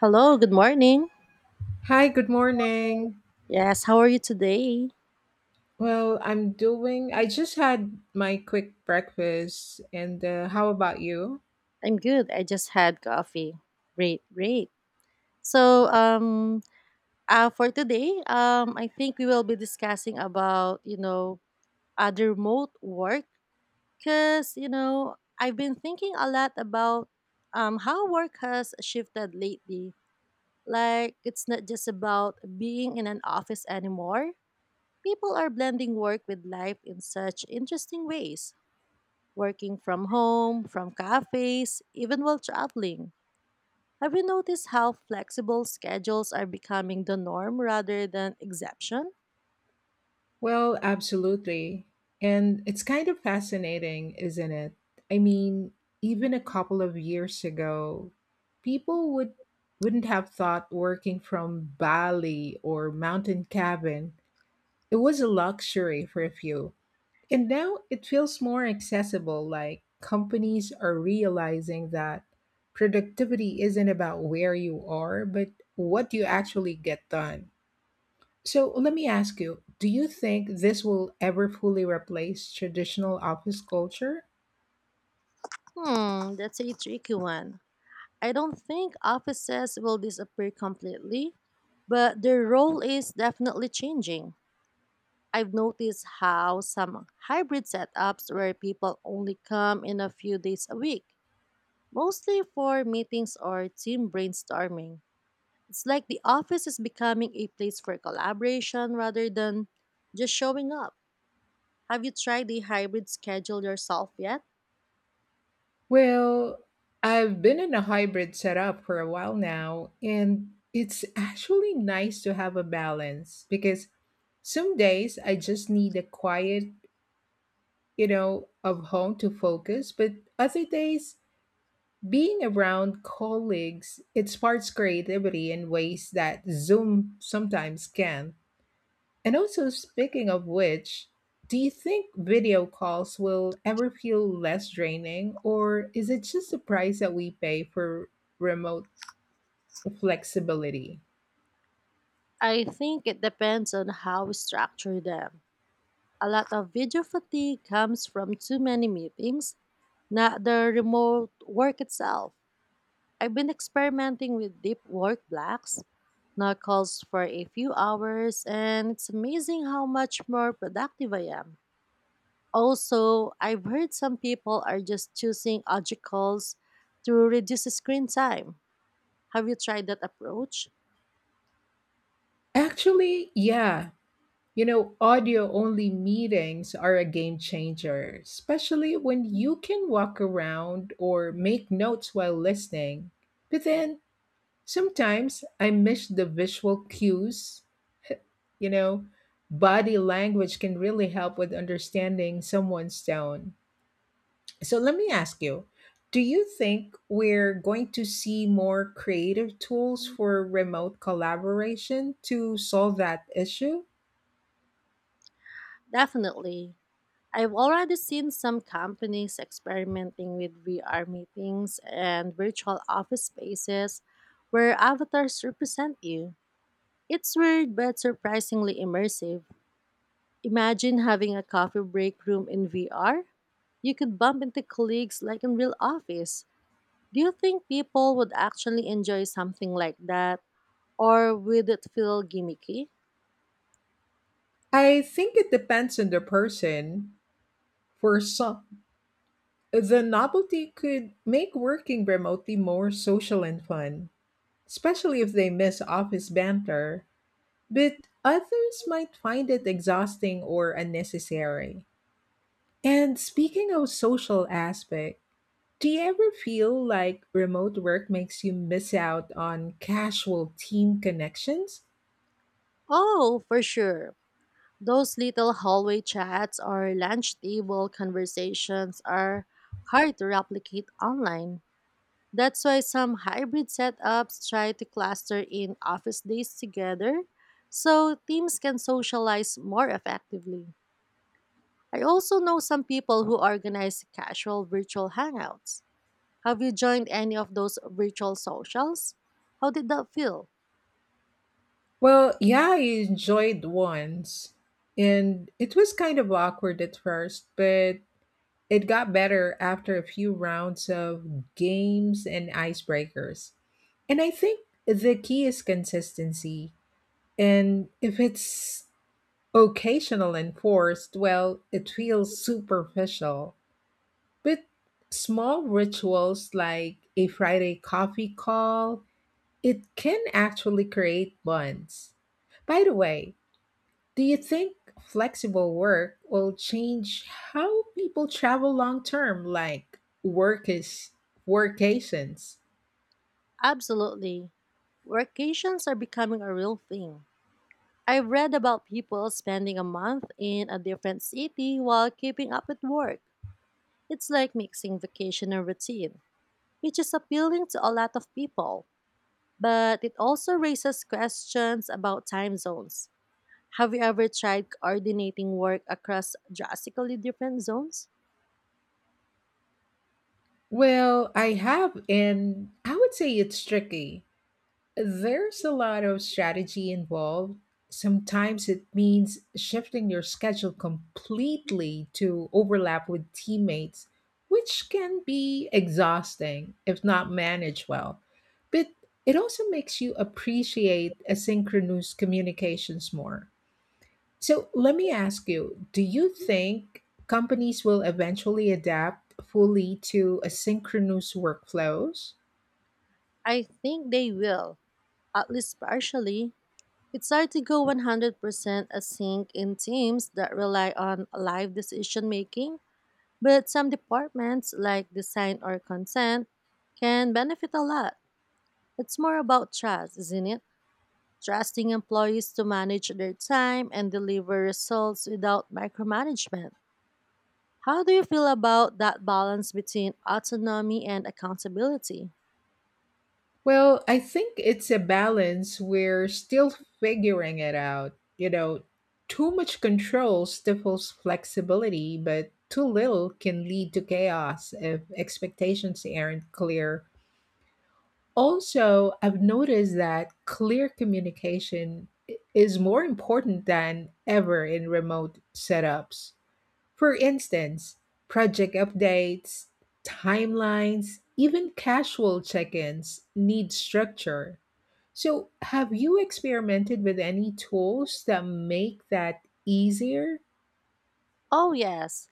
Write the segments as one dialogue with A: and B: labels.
A: Hello, good morning.
B: Hi, good morning.
A: Yes, how are you today?
B: Well, I'm doing, I just had my quick breakfast, and how about you?
A: I'm good. I just had coffee. Great, great. So, for today, I think we will be discussing about, other the remote work because, I've been thinking a lot about how work has shifted lately. Like, it's not just about being in an office anymore. People are blending work with life in such interesting ways, working from home, from cafes, even while traveling. Have you noticed how flexible schedules are becoming the norm rather than exception?
B: Well, absolutely. And it's kind of fascinating, isn't it? I mean, even a couple of years ago, people would wouldn't have thought working from Bali or mountain cabin. It was a luxury for a few. And now it feels more accessible, like companies are realizing that productivity isn't about where you are, but what you actually get done. So let me ask you, do you think this will ever fully replace traditional office culture?
A: That's a tricky one. I don't think offices will disappear completely, but their role is definitely changing. I've noticed how some hybrid setups where people only come in a few days a week, mostly for meetings or team brainstorming. It's like the office is becoming a place for collaboration rather than just showing up. Have you tried the hybrid schedule yourself yet?
B: Well, I've been in a hybrid setup for a while now, and it's actually nice to have a balance because some days I just need a quiet, you know, of home to focus, but other days being around colleagues, it sparks creativity in ways that Zoom sometimes can. And also, speaking of which, do you think video calls will ever feel less draining, or is it just the price that we pay for remote flexibility?
A: I think it depends on how we structure them. A lot of video fatigue comes from too many meetings, not the remote work itself. I've been experimenting with deep work blocks, not calls for a few hours, and it's amazing how much more productive I am. Also, I've heard some people are just choosing obstacles to reduce screen time. Have you tried that approach?
B: Actually, yeah. You know, audio only meetings are a game changer, especially when you can walk around or make notes while listening. But then sometimes I miss the visual cues. You know, body language can really help with understanding someone's tone. So let me ask you, do you think we're going to see more creative tools for remote collaboration to solve that issue?
A: Definitely. I've already seen some companies experimenting with VR meetings and virtual office spaces where avatars represent you. It's weird but surprisingly immersive. Imagine having a coffee break room in VR. You could bump into colleagues like in real office. Do you think people would actually enjoy something like that? Or would it feel gimmicky?
B: I think it depends on the person. For some, the novelty could make working remotely more social and fun, especially if they miss office banter, but others might find it exhausting or unnecessary. And speaking of social aspect, do you ever feel like remote work makes you miss out on casual team connections?
A: Oh, for sure. Those little hallway chats or lunch table conversations are hard to replicate online. That's why some hybrid setups try to cluster in office days together so teams can socialize more effectively. I also know some people who organize casual virtual hangouts. Have you joined any of those virtual socials? How did that feel?
B: Well, yeah, I enjoyed once. And it was kind of awkward at first, but it got better after a few rounds of games and icebreakers. And I think the key is consistency. And if it's occasional and forced, well, it feels superficial. But small rituals like a Friday coffee call, it can actually create bonds. By the way, do you think flexible work will change how people travel long term, like work is workations?
A: Absolutely. Workations are becoming a real thing. I've read about people spending a month in a different city while keeping up with work. It's like mixing vacation and routine, which is appealing to a lot of people. But it also raises questions about time zones. Have you ever tried coordinating work across drastically different zones?
B: Well, I have, and I would say it's tricky. There's a lot of strategy involved. Sometimes it means shifting your schedule completely to overlap with teammates, which can be exhausting if not managed well. But it also makes you appreciate asynchronous communications more. So let me ask you, do you think companies will eventually adapt fully to asynchronous workflows?
A: I think they will, at least partially. It's hard to go 100% async in teams that rely on live decision making, but some departments like design or consent can benefit a lot. It's more about trust, isn't it? Trusting employees to manage their time and deliver results without micromanagement. How do you feel about that balance between autonomy and accountability?
B: Well, I think it's a balance. We're still figuring it out. You know, too much control stifles flexibility, but too little can lead to chaos if expectations aren't clear. Also, I've noticed that clear communication is more important than ever in remote setups. For instance, project updates, timelines, even casual check ins need structure. So, have you experimented with any tools that make that easier?
A: Oh, yes,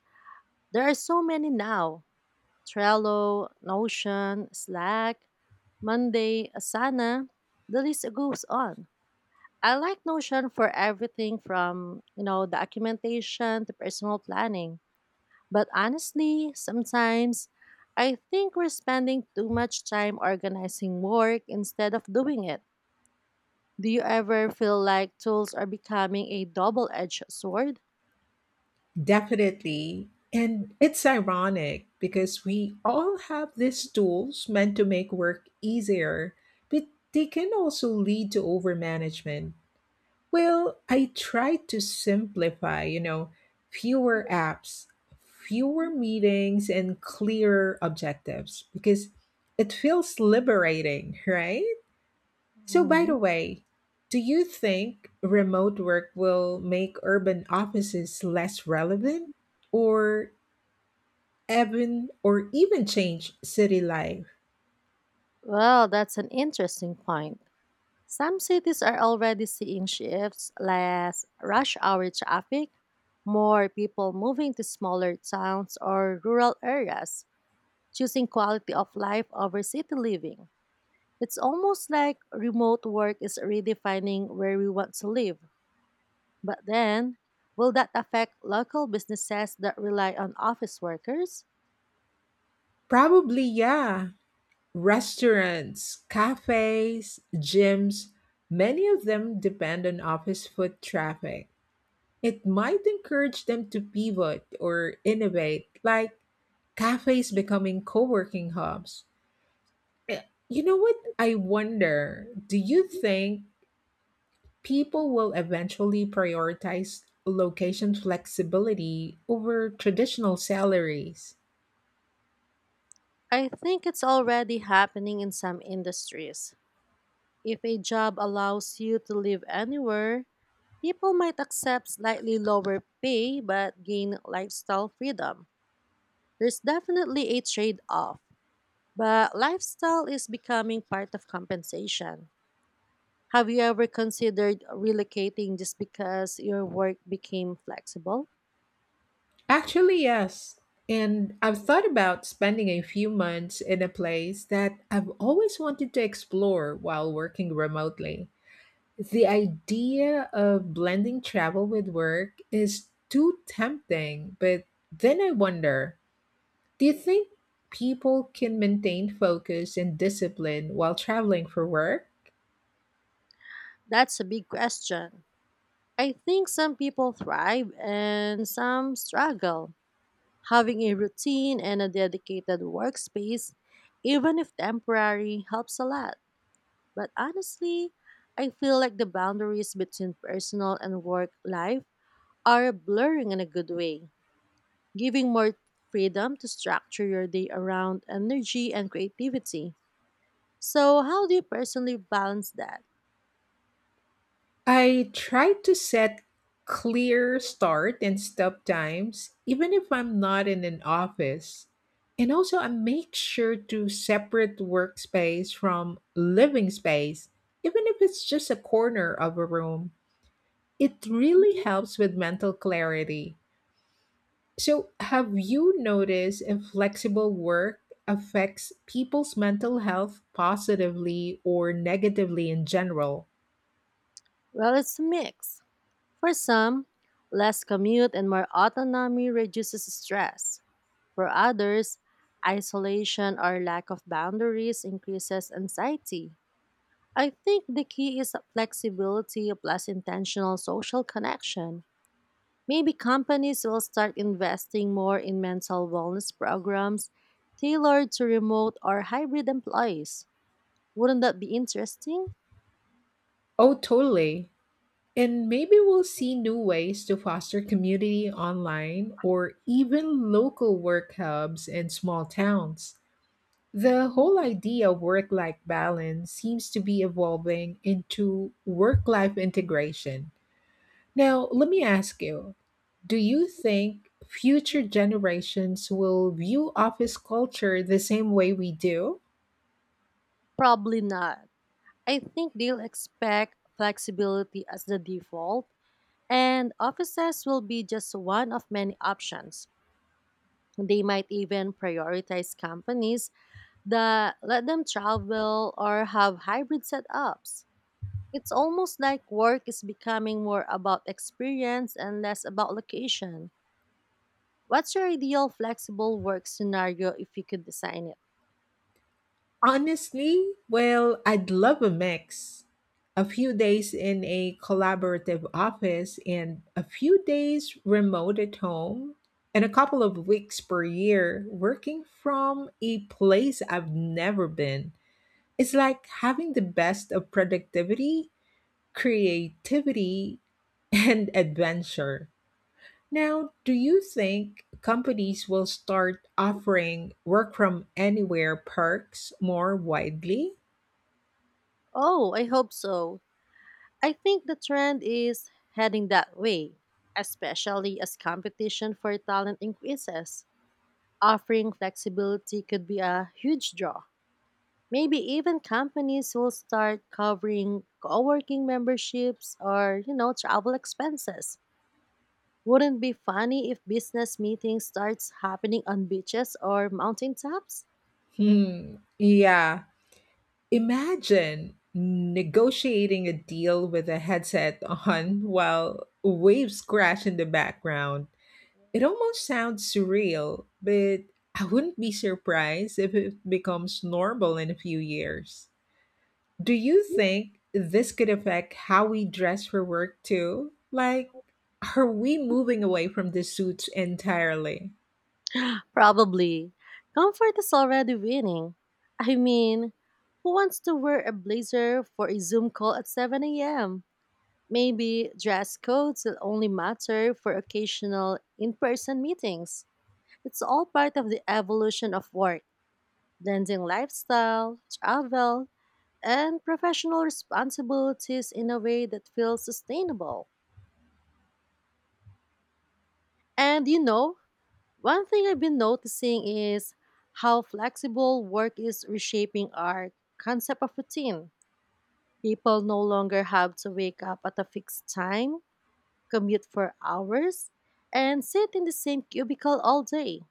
A: there are so many now: Trello, Notion, Slack, Monday, Asana, the list goes on. I like Notion for everything from, documentation to personal planning. But honestly, sometimes I think we're spending too much time organizing work instead of doing it. Do you ever feel like tools are becoming a double edged sword?
B: Definitely. And it's ironic because we all have these tools meant to make work easier, but they can also lead to overmanagement. Well, I tried to simplify, you know, fewer apps, fewer meetings, and clearer objectives because it feels liberating, right? So, by the
A: Mhm.
B: way, do you think remote work will make urban offices less relevant or even change city life?
A: Well, that's an interesting point. Some cities are already seeing shifts, less rush hour traffic, more people moving to smaller towns or rural areas, choosing quality of life over city living. It's almost like remote work is redefining where we want to live. But then, will that affect local businesses that rely on office workers?
B: Probably, yeah. Restaurants, cafes, gyms, many of them depend on office foot traffic. It might encourage them to pivot or innovate, like cafes becoming co-working hubs. Eh, You know what? I wonder, do you think people will eventually prioritize location flexibility over traditional salaries?
A: I think it's already happening in some industries. If a job allows you to live anywhere, people might accept slightly lower pay but gain lifestyle freedom. There's definitely a trade off, but lifestyle is becoming part of compensation. Have you ever considered relocating just because your work became flexible?
B: Actually, yes. And I've thought about spending a few months in a place that I've always wanted to explore while working remotely. The idea of blending travel with work is too tempting, but then I wonder, do you think people can maintain focus and discipline while traveling for work?
A: That's a big question. I think some people thrive and some struggle. Having a routine and a dedicated workspace, even if temporary, helps a lot. But honestly, I feel like the boundaries between personal and work life are blurring in a good way, giving more freedom to structure your day around energy and creativity. So, how do you personally balance that?
B: I try to set clear start and stop times, even if I'm not in an office. And also, I make sure to separate workspace from living space, even if it's just a corner of a room. It really helps with mental clarity. So, have you noticed if flexible work affects people's mental health positively or negatively in general?
A: Well, it's a mix. For some, less commute and more autonomy reduces stress. For others, isolation or lack of boundaries increases anxiety. I think the key is flexibility plus intentional social connection. Maybe companies will start investing more in mental wellness programs tailored to remote or hybrid employees. Wouldn't that be interesting?
B: Oh, totally. And maybe we'll see new ways to foster community online or even local work hubs in small towns. The whole idea of work life balance seems to be evolving into work life integration. Now, let me ask you, do you think future generations will view office culture the same way we do?
A: Probably not. I think they'll expect flexibility as the default, and offices will be just one of many options. They might even prioritize companies that let them travel or have hybrid setups. It's almost like work is becoming more about experience and less about location. What's your ideal flexible work scenario if you could design it?
B: Honestly, well, I'd love a mix. A few days in a collaborative office and a few days remote at home, and a couple of weeks per year working from a place I've never been. It's like having the best of productivity, creativity, and adventure. Now, do you think companies will start offering work from anywhere perks more widely?
A: Oh, I hope so. I think the trend is heading that way, especially as competition for talent increases. Offering flexibility could be a huge draw. Maybe even companies will start covering co-working memberships or, travel expenses. Wouldn't be funny if business meetings starts happening on beaches or mountaintops?
B: Hmm, yeah. Imagine negotiating a deal with a headset on while waves crash in the background. It almost sounds surreal, but I wouldn't be surprised if it becomes normal in a few years. Do you think this could affect how we dress for work too? Like, are we moving away from the suits entirely?
A: Probably. Comfort is already winning. I mean, who wants to wear a blazer for a Zoom call at 7 a.m.? Maybe dress codes will only matter for occasional in person meetings. It's all part of the evolution of work, blending lifestyle, travel, and professional responsibilities in a way that feels sustainable. And one thing I've been noticing is how flexible work is reshaping our concept of routine. People no longer have to wake up at a fixed time, commute for hours, and sit in the same cubicle all day.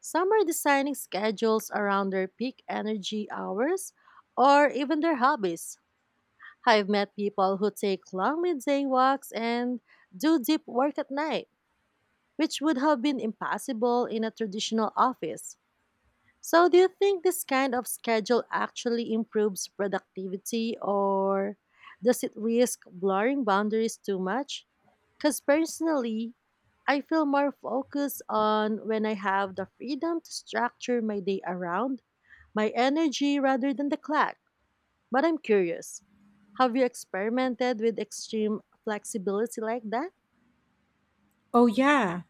A: Some are designing schedules around their peak energy hours or even their hobbies. I've met people who take long midday walks and do deep work at night, which would have been impossible in a traditional office. So, do you think this kind of schedule actually improves productivity or does it risk blurring boundaries too much? Because personally, I feel more focused on when I have the freedom to structure my day around my energy rather than the clock. But I'm curious, have you experimented with extreme flexibility like that?
B: Oh, yeah.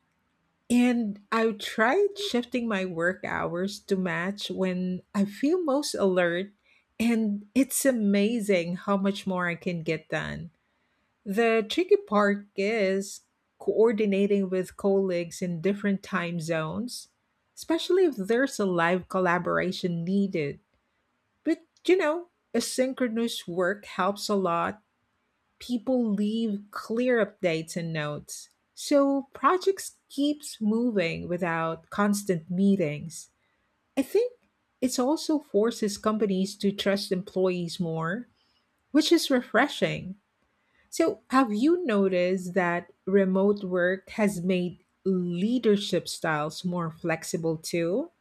B: And I've tried shifting my work hours to match when I feel most alert, and it's amazing how much more I can get done. The tricky part is coordinating with colleagues in different time zones, especially if there's a live collaboration needed. But you know, asynchronous work helps a lot. People leave clear updates and notes. So projects keeps moving without constant meetings. I think it also forces companies to trust employees more, which is refreshing. So, have you noticed that remote work has made leadership styles more flexible too?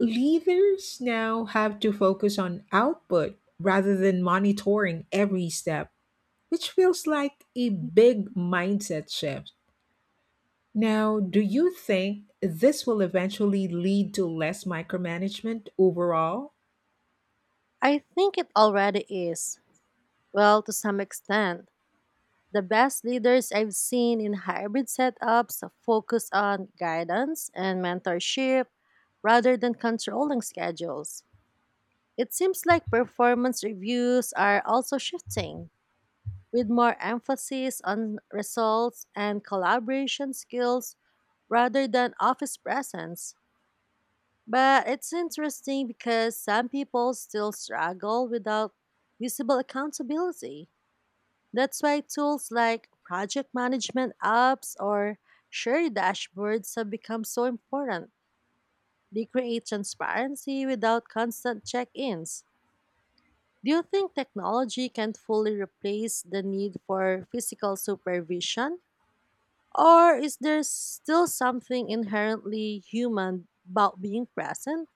B: Leaders now have to focus on output rather than monitoring every step, which feels like a big mindset shift. Now, do you think this will eventually lead to less micromanagement overall?
A: I think it already is. Well, to some extent. The best leaders I've seen in hybrid setups focus on guidance and mentorship rather than controlling schedules. It seems like performance reviews are also shifting, with more emphasis on results and collaboration skills rather than office presence. But it's interesting because some people still struggle without visible accountability. That's why tools like project management apps or shared dashboards have become so important. They create transparency without constant check ins. Do you think technology can fully replace the need for physical supervision? Or is there still something inherently human about being present?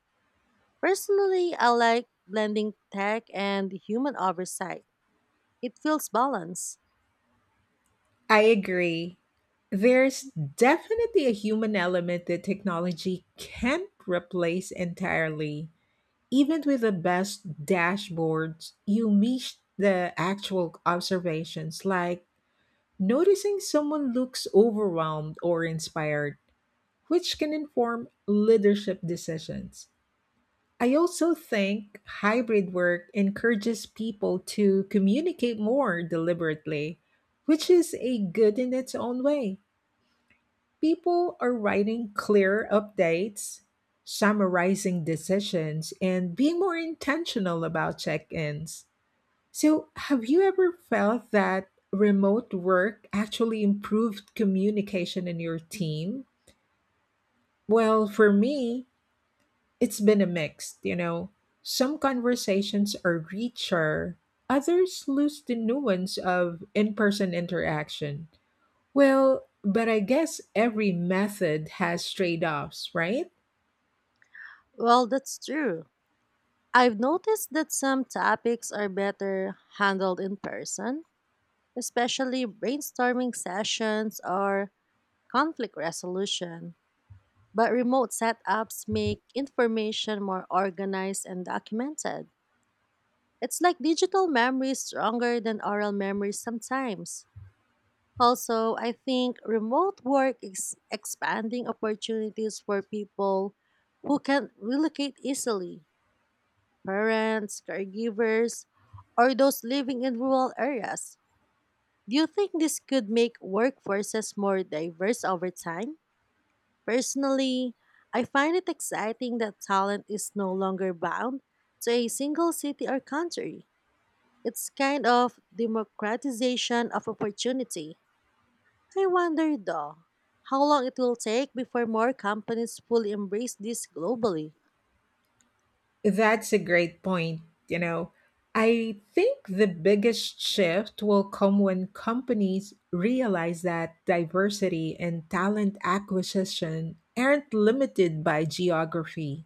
A: Personally, I like blending tech and human oversight. It feels balanced.
B: I agree. There's definitely a human element that technology can't replace entirely. Even with the best dashboards, you miss the actual observations, like noticing someone looks overwhelmed or inspired, which can inform leadership decisions. I also think hybrid work encourages people to communicate more deliberately, which is a good in its own way. People are writing clear updates, summarizing decisions, and being more intentional about check ins. So, have you ever felt that remote work actually improved communication in your team? Well, for me, it's been a mix, you know. Some conversations are richer, others lose the nuance of in person interaction. Well, but I guess every method has trade offs, right?
A: Well, that's true. I've noticed that some topics are better handled in person, especially brainstorming sessions or conflict resolution. But remote setups make information more organized and documented. It's like digital memory is stronger than oral memory sometimes. Also, I think remote work is expanding opportunities for people who can relocate easily, parents, caregivers, or those living in rural areas. Do you think this could make workforces more diverse over time? Personally, I find it exciting that talent is no longer bound to a single city or country. It's kind of democratization of opportunity. I wonder though, how long it will take before more companies fully embrace this globally.
B: That's a great point. You know, I think the biggest shift will come when companies realize that diversity and talent acquisition aren't limited by geography.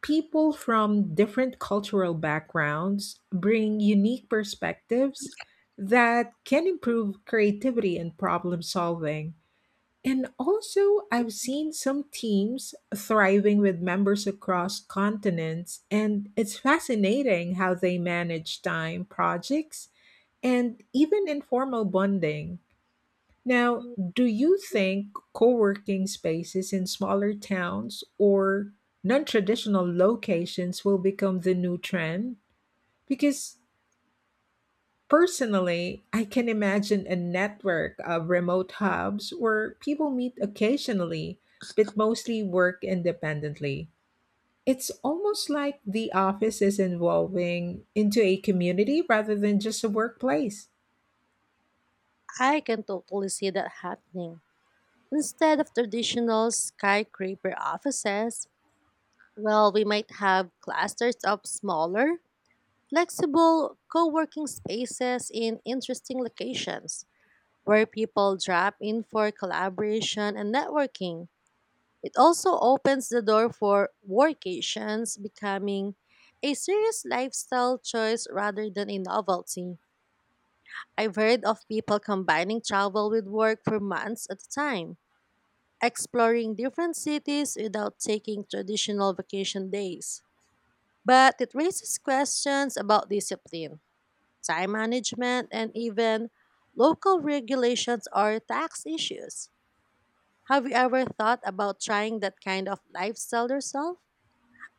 B: People from different cultural backgrounds bring unique perspectives that can improve creativity and problem solving. And also, I've seen some teams thriving with members across continents, and it's fascinating how they manage time, projects, and even informal bonding. Now, do you think co working spaces in smaller towns or non traditional locations will become the new trend? Because personally, I can imagine a network of remote hubs where people meet occasionally but mostly work independently. It's almost like the office is evolving into a community rather than just a workplace.
A: I can totally see that happening. Instead of traditional skyscraper offices, well, we might have clusters of smaller, flexible co working spaces in interesting locations where people drop in for collaboration and networking. It also opens the door for workations becoming a serious lifestyle choice rather than a novelty. I've heard of people combining travel with work for months at a time, exploring different cities without taking traditional vacation days. But it raises questions about discipline, time management, and even local regulations or tax issues. Have you ever thought about trying that kind of lifestyle yourself?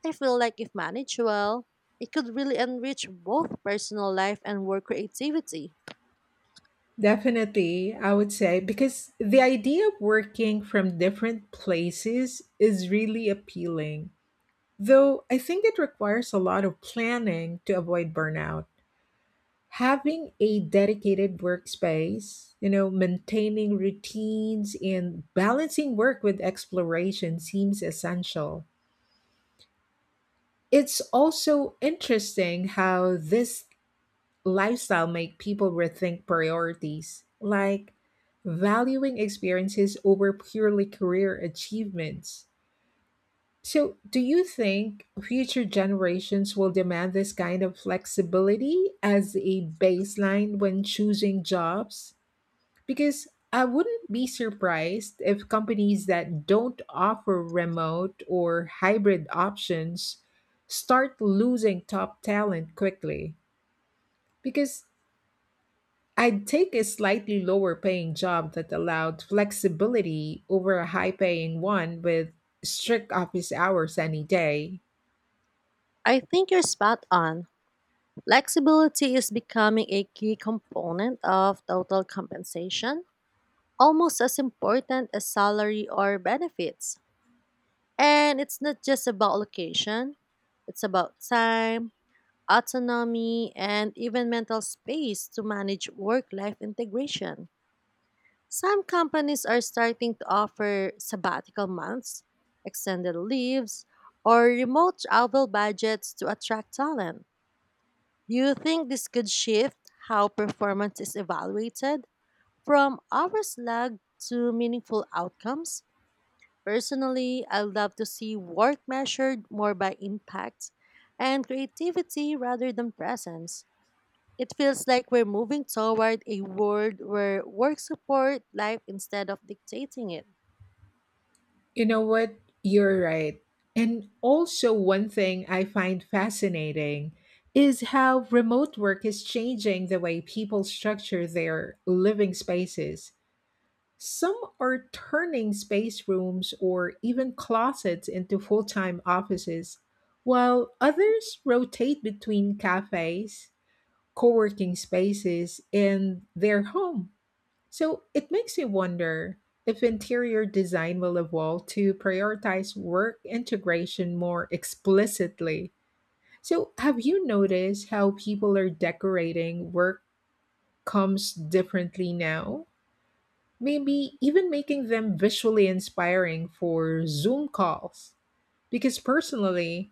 A: I feel like if managed well, it could really enrich both personal life and work creativity.
B: Definitely, I would say, because the idea of working from different places is really appealing. Though I think it requires a lot of planning to avoid burnout. Having a dedicated workspace, you know, maintaining routines and balancing work with exploration seems essential. It's also interesting how this lifestyle make people rethink priorities, like valuing experiences over purely career achievements. So, do you think future generations will demand this kind of flexibility as a baseline when choosing jobs? Because I wouldn't be surprised if companies that don't offer remote or hybrid options start losing top talent quickly. Because I'd take a slightly lower paying job that allowed flexibility over a high paying one with strict office hours any day.
A: I think you're spot on. Flexibility is becoming a key component of total compensation, almost as important as salary or benefits. And it's not just about location, it's about time, autonomy, and even mental space to manage work life integration. Some companies are starting to offer sabbatical months, extended leaves, or remote travel budgets to attract talent. Do you think this could shift how performance is evaluated from hours logged to meaningful outcomes? Personally, I would love to see work measured more by impact and creativity rather than presence. It feels like we're moving toward a world where work support life instead of dictating it.
B: You know what? You're right. And also, one thing I find fascinating is how remote work is changing the way people structure their living spaces. Some are turning space rooms or even closets into full time offices, while others rotate between cafes, co working spaces, and their home. So it makes you wonder if interior design will evolve to prioritize work integration more explicitly. So, have you noticed how people are decorating work comes differently now? Maybe even making them visually inspiring for Zoom calls. Because personally,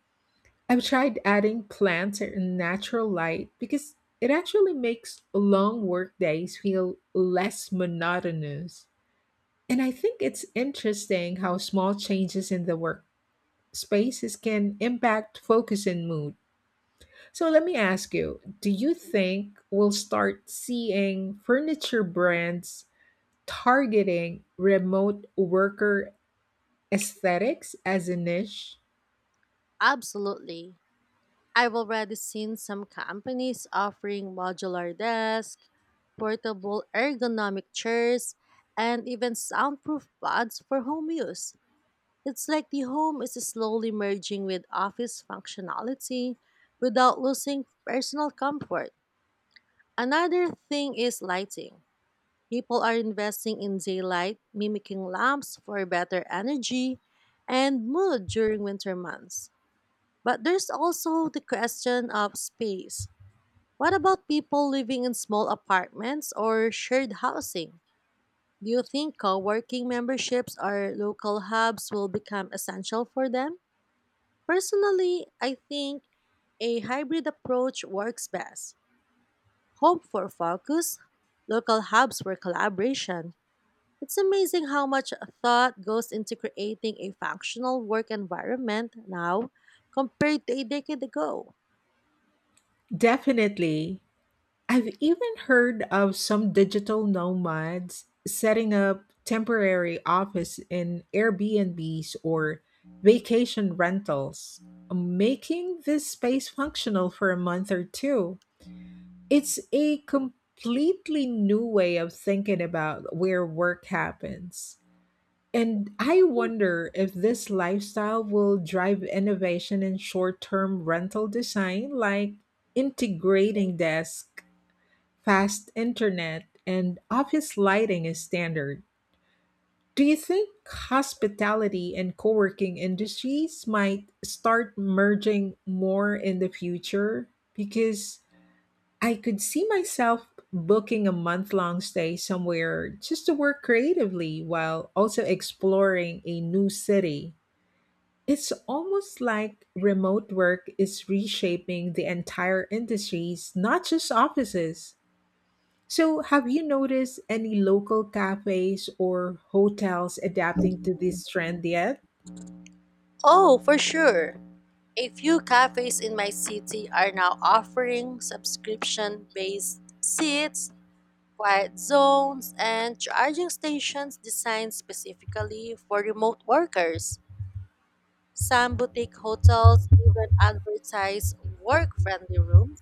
B: I've tried adding plants and natural light because it actually makes long work days feel less monotonous. And I think it's interesting how small changes in the work spaces can impact focus and mood. So let me ask you, do you think we'll start seeing furniture brands targeting remote worker aesthetics as a niche?
A: Absolutely. I've already seen some companies offering modular desks, portable ergonomic chairs, and even soundproof pods for home use. It's like the home is slowly merging with office functionality without losing personal comfort. Another thing is lighting. People are investing in daylight, mimicking lamps for better energy and mood during winter months. But there's also the question of space. What about people living in small apartments or shared housing? Do you think co working memberships or local hubs will become essential for them? Personally, I think a hybrid approach works best. Home for focus, local hubs for collaboration. It's amazing how much thought goes into creating a functional work environment now compared to a decade ago.
B: Definitely. I've even heard of some digital nomads setting up temporary office in Airbnbs or vacation rentals, making this space functional for a month or two. It's a completely new way of thinking about where work happens. And I wonder if this lifestyle will drive innovation in short term rental design, like integrating desks, fast internet and office lighting is standard. Do you think hospitality and co working industries might start merging more in the future? Because I could see myself booking a month long stay somewhere just to work creatively while also exploring a new city. It's almost like remote work is reshaping the entire industries, not just offices. So, have you noticed any local cafes or hotels adapting to this trend yet?
A: Oh, for sure. A few cafes in my city are now offering subscription based seats, quiet zones, and charging stations designed specifically for remote workers. Some boutique hotels even advertise work friendly rooms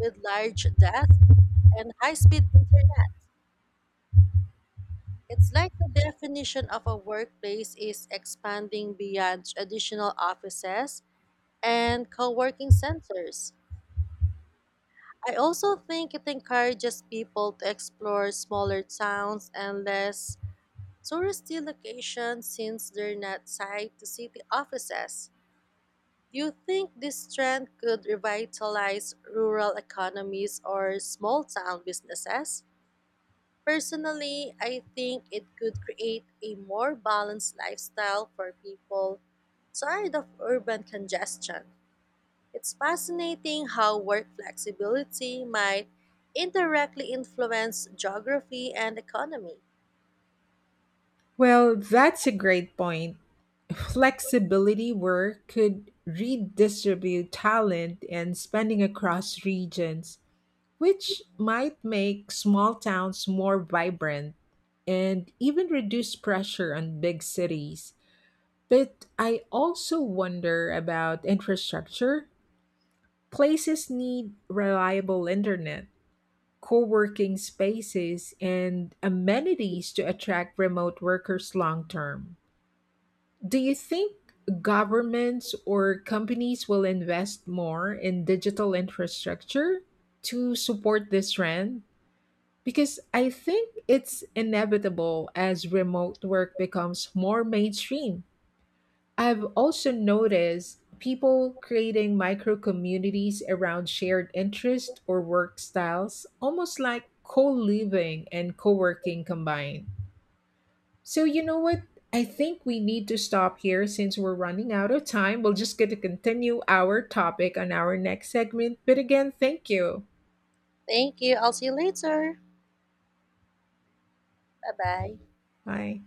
A: with large desks and high speed internet. It's like the definition of a workplace is expanding beyond traditional offices and co working centers. I also think it encourages people to explore smaller towns and less touristy locations since they're not tied to city offices. Do you think this trend could revitalize rural economies or small town businesses? Personally, I think it could create a more balanced lifestyle for people tired of urban congestion. It's fascinating how work flexibility might indirectly influence geography and economy.
B: Well, that's a great point. Flexibility work could redistribute talent and spending across regions, which might make small towns more vibrant and even reduce pressure on big cities. But I also wonder about infrastructure. Places need reliable internet, co-working spaces and amenities to attract remote workers long term. Do you think governments or companies will invest more in digital infrastructure to support this trend? Because I think it's inevitable as remote work becomes more mainstream. I've also noticed people creating micro communities around shared interests or work styles, almost like co living and co working combined. So, you know what? I think we need to stop here since we're running out of time. We'll just get to continue our topic on our next segment. But again, thank you.
A: Thank you. I'll see you later. Bye bye.
B: Bye.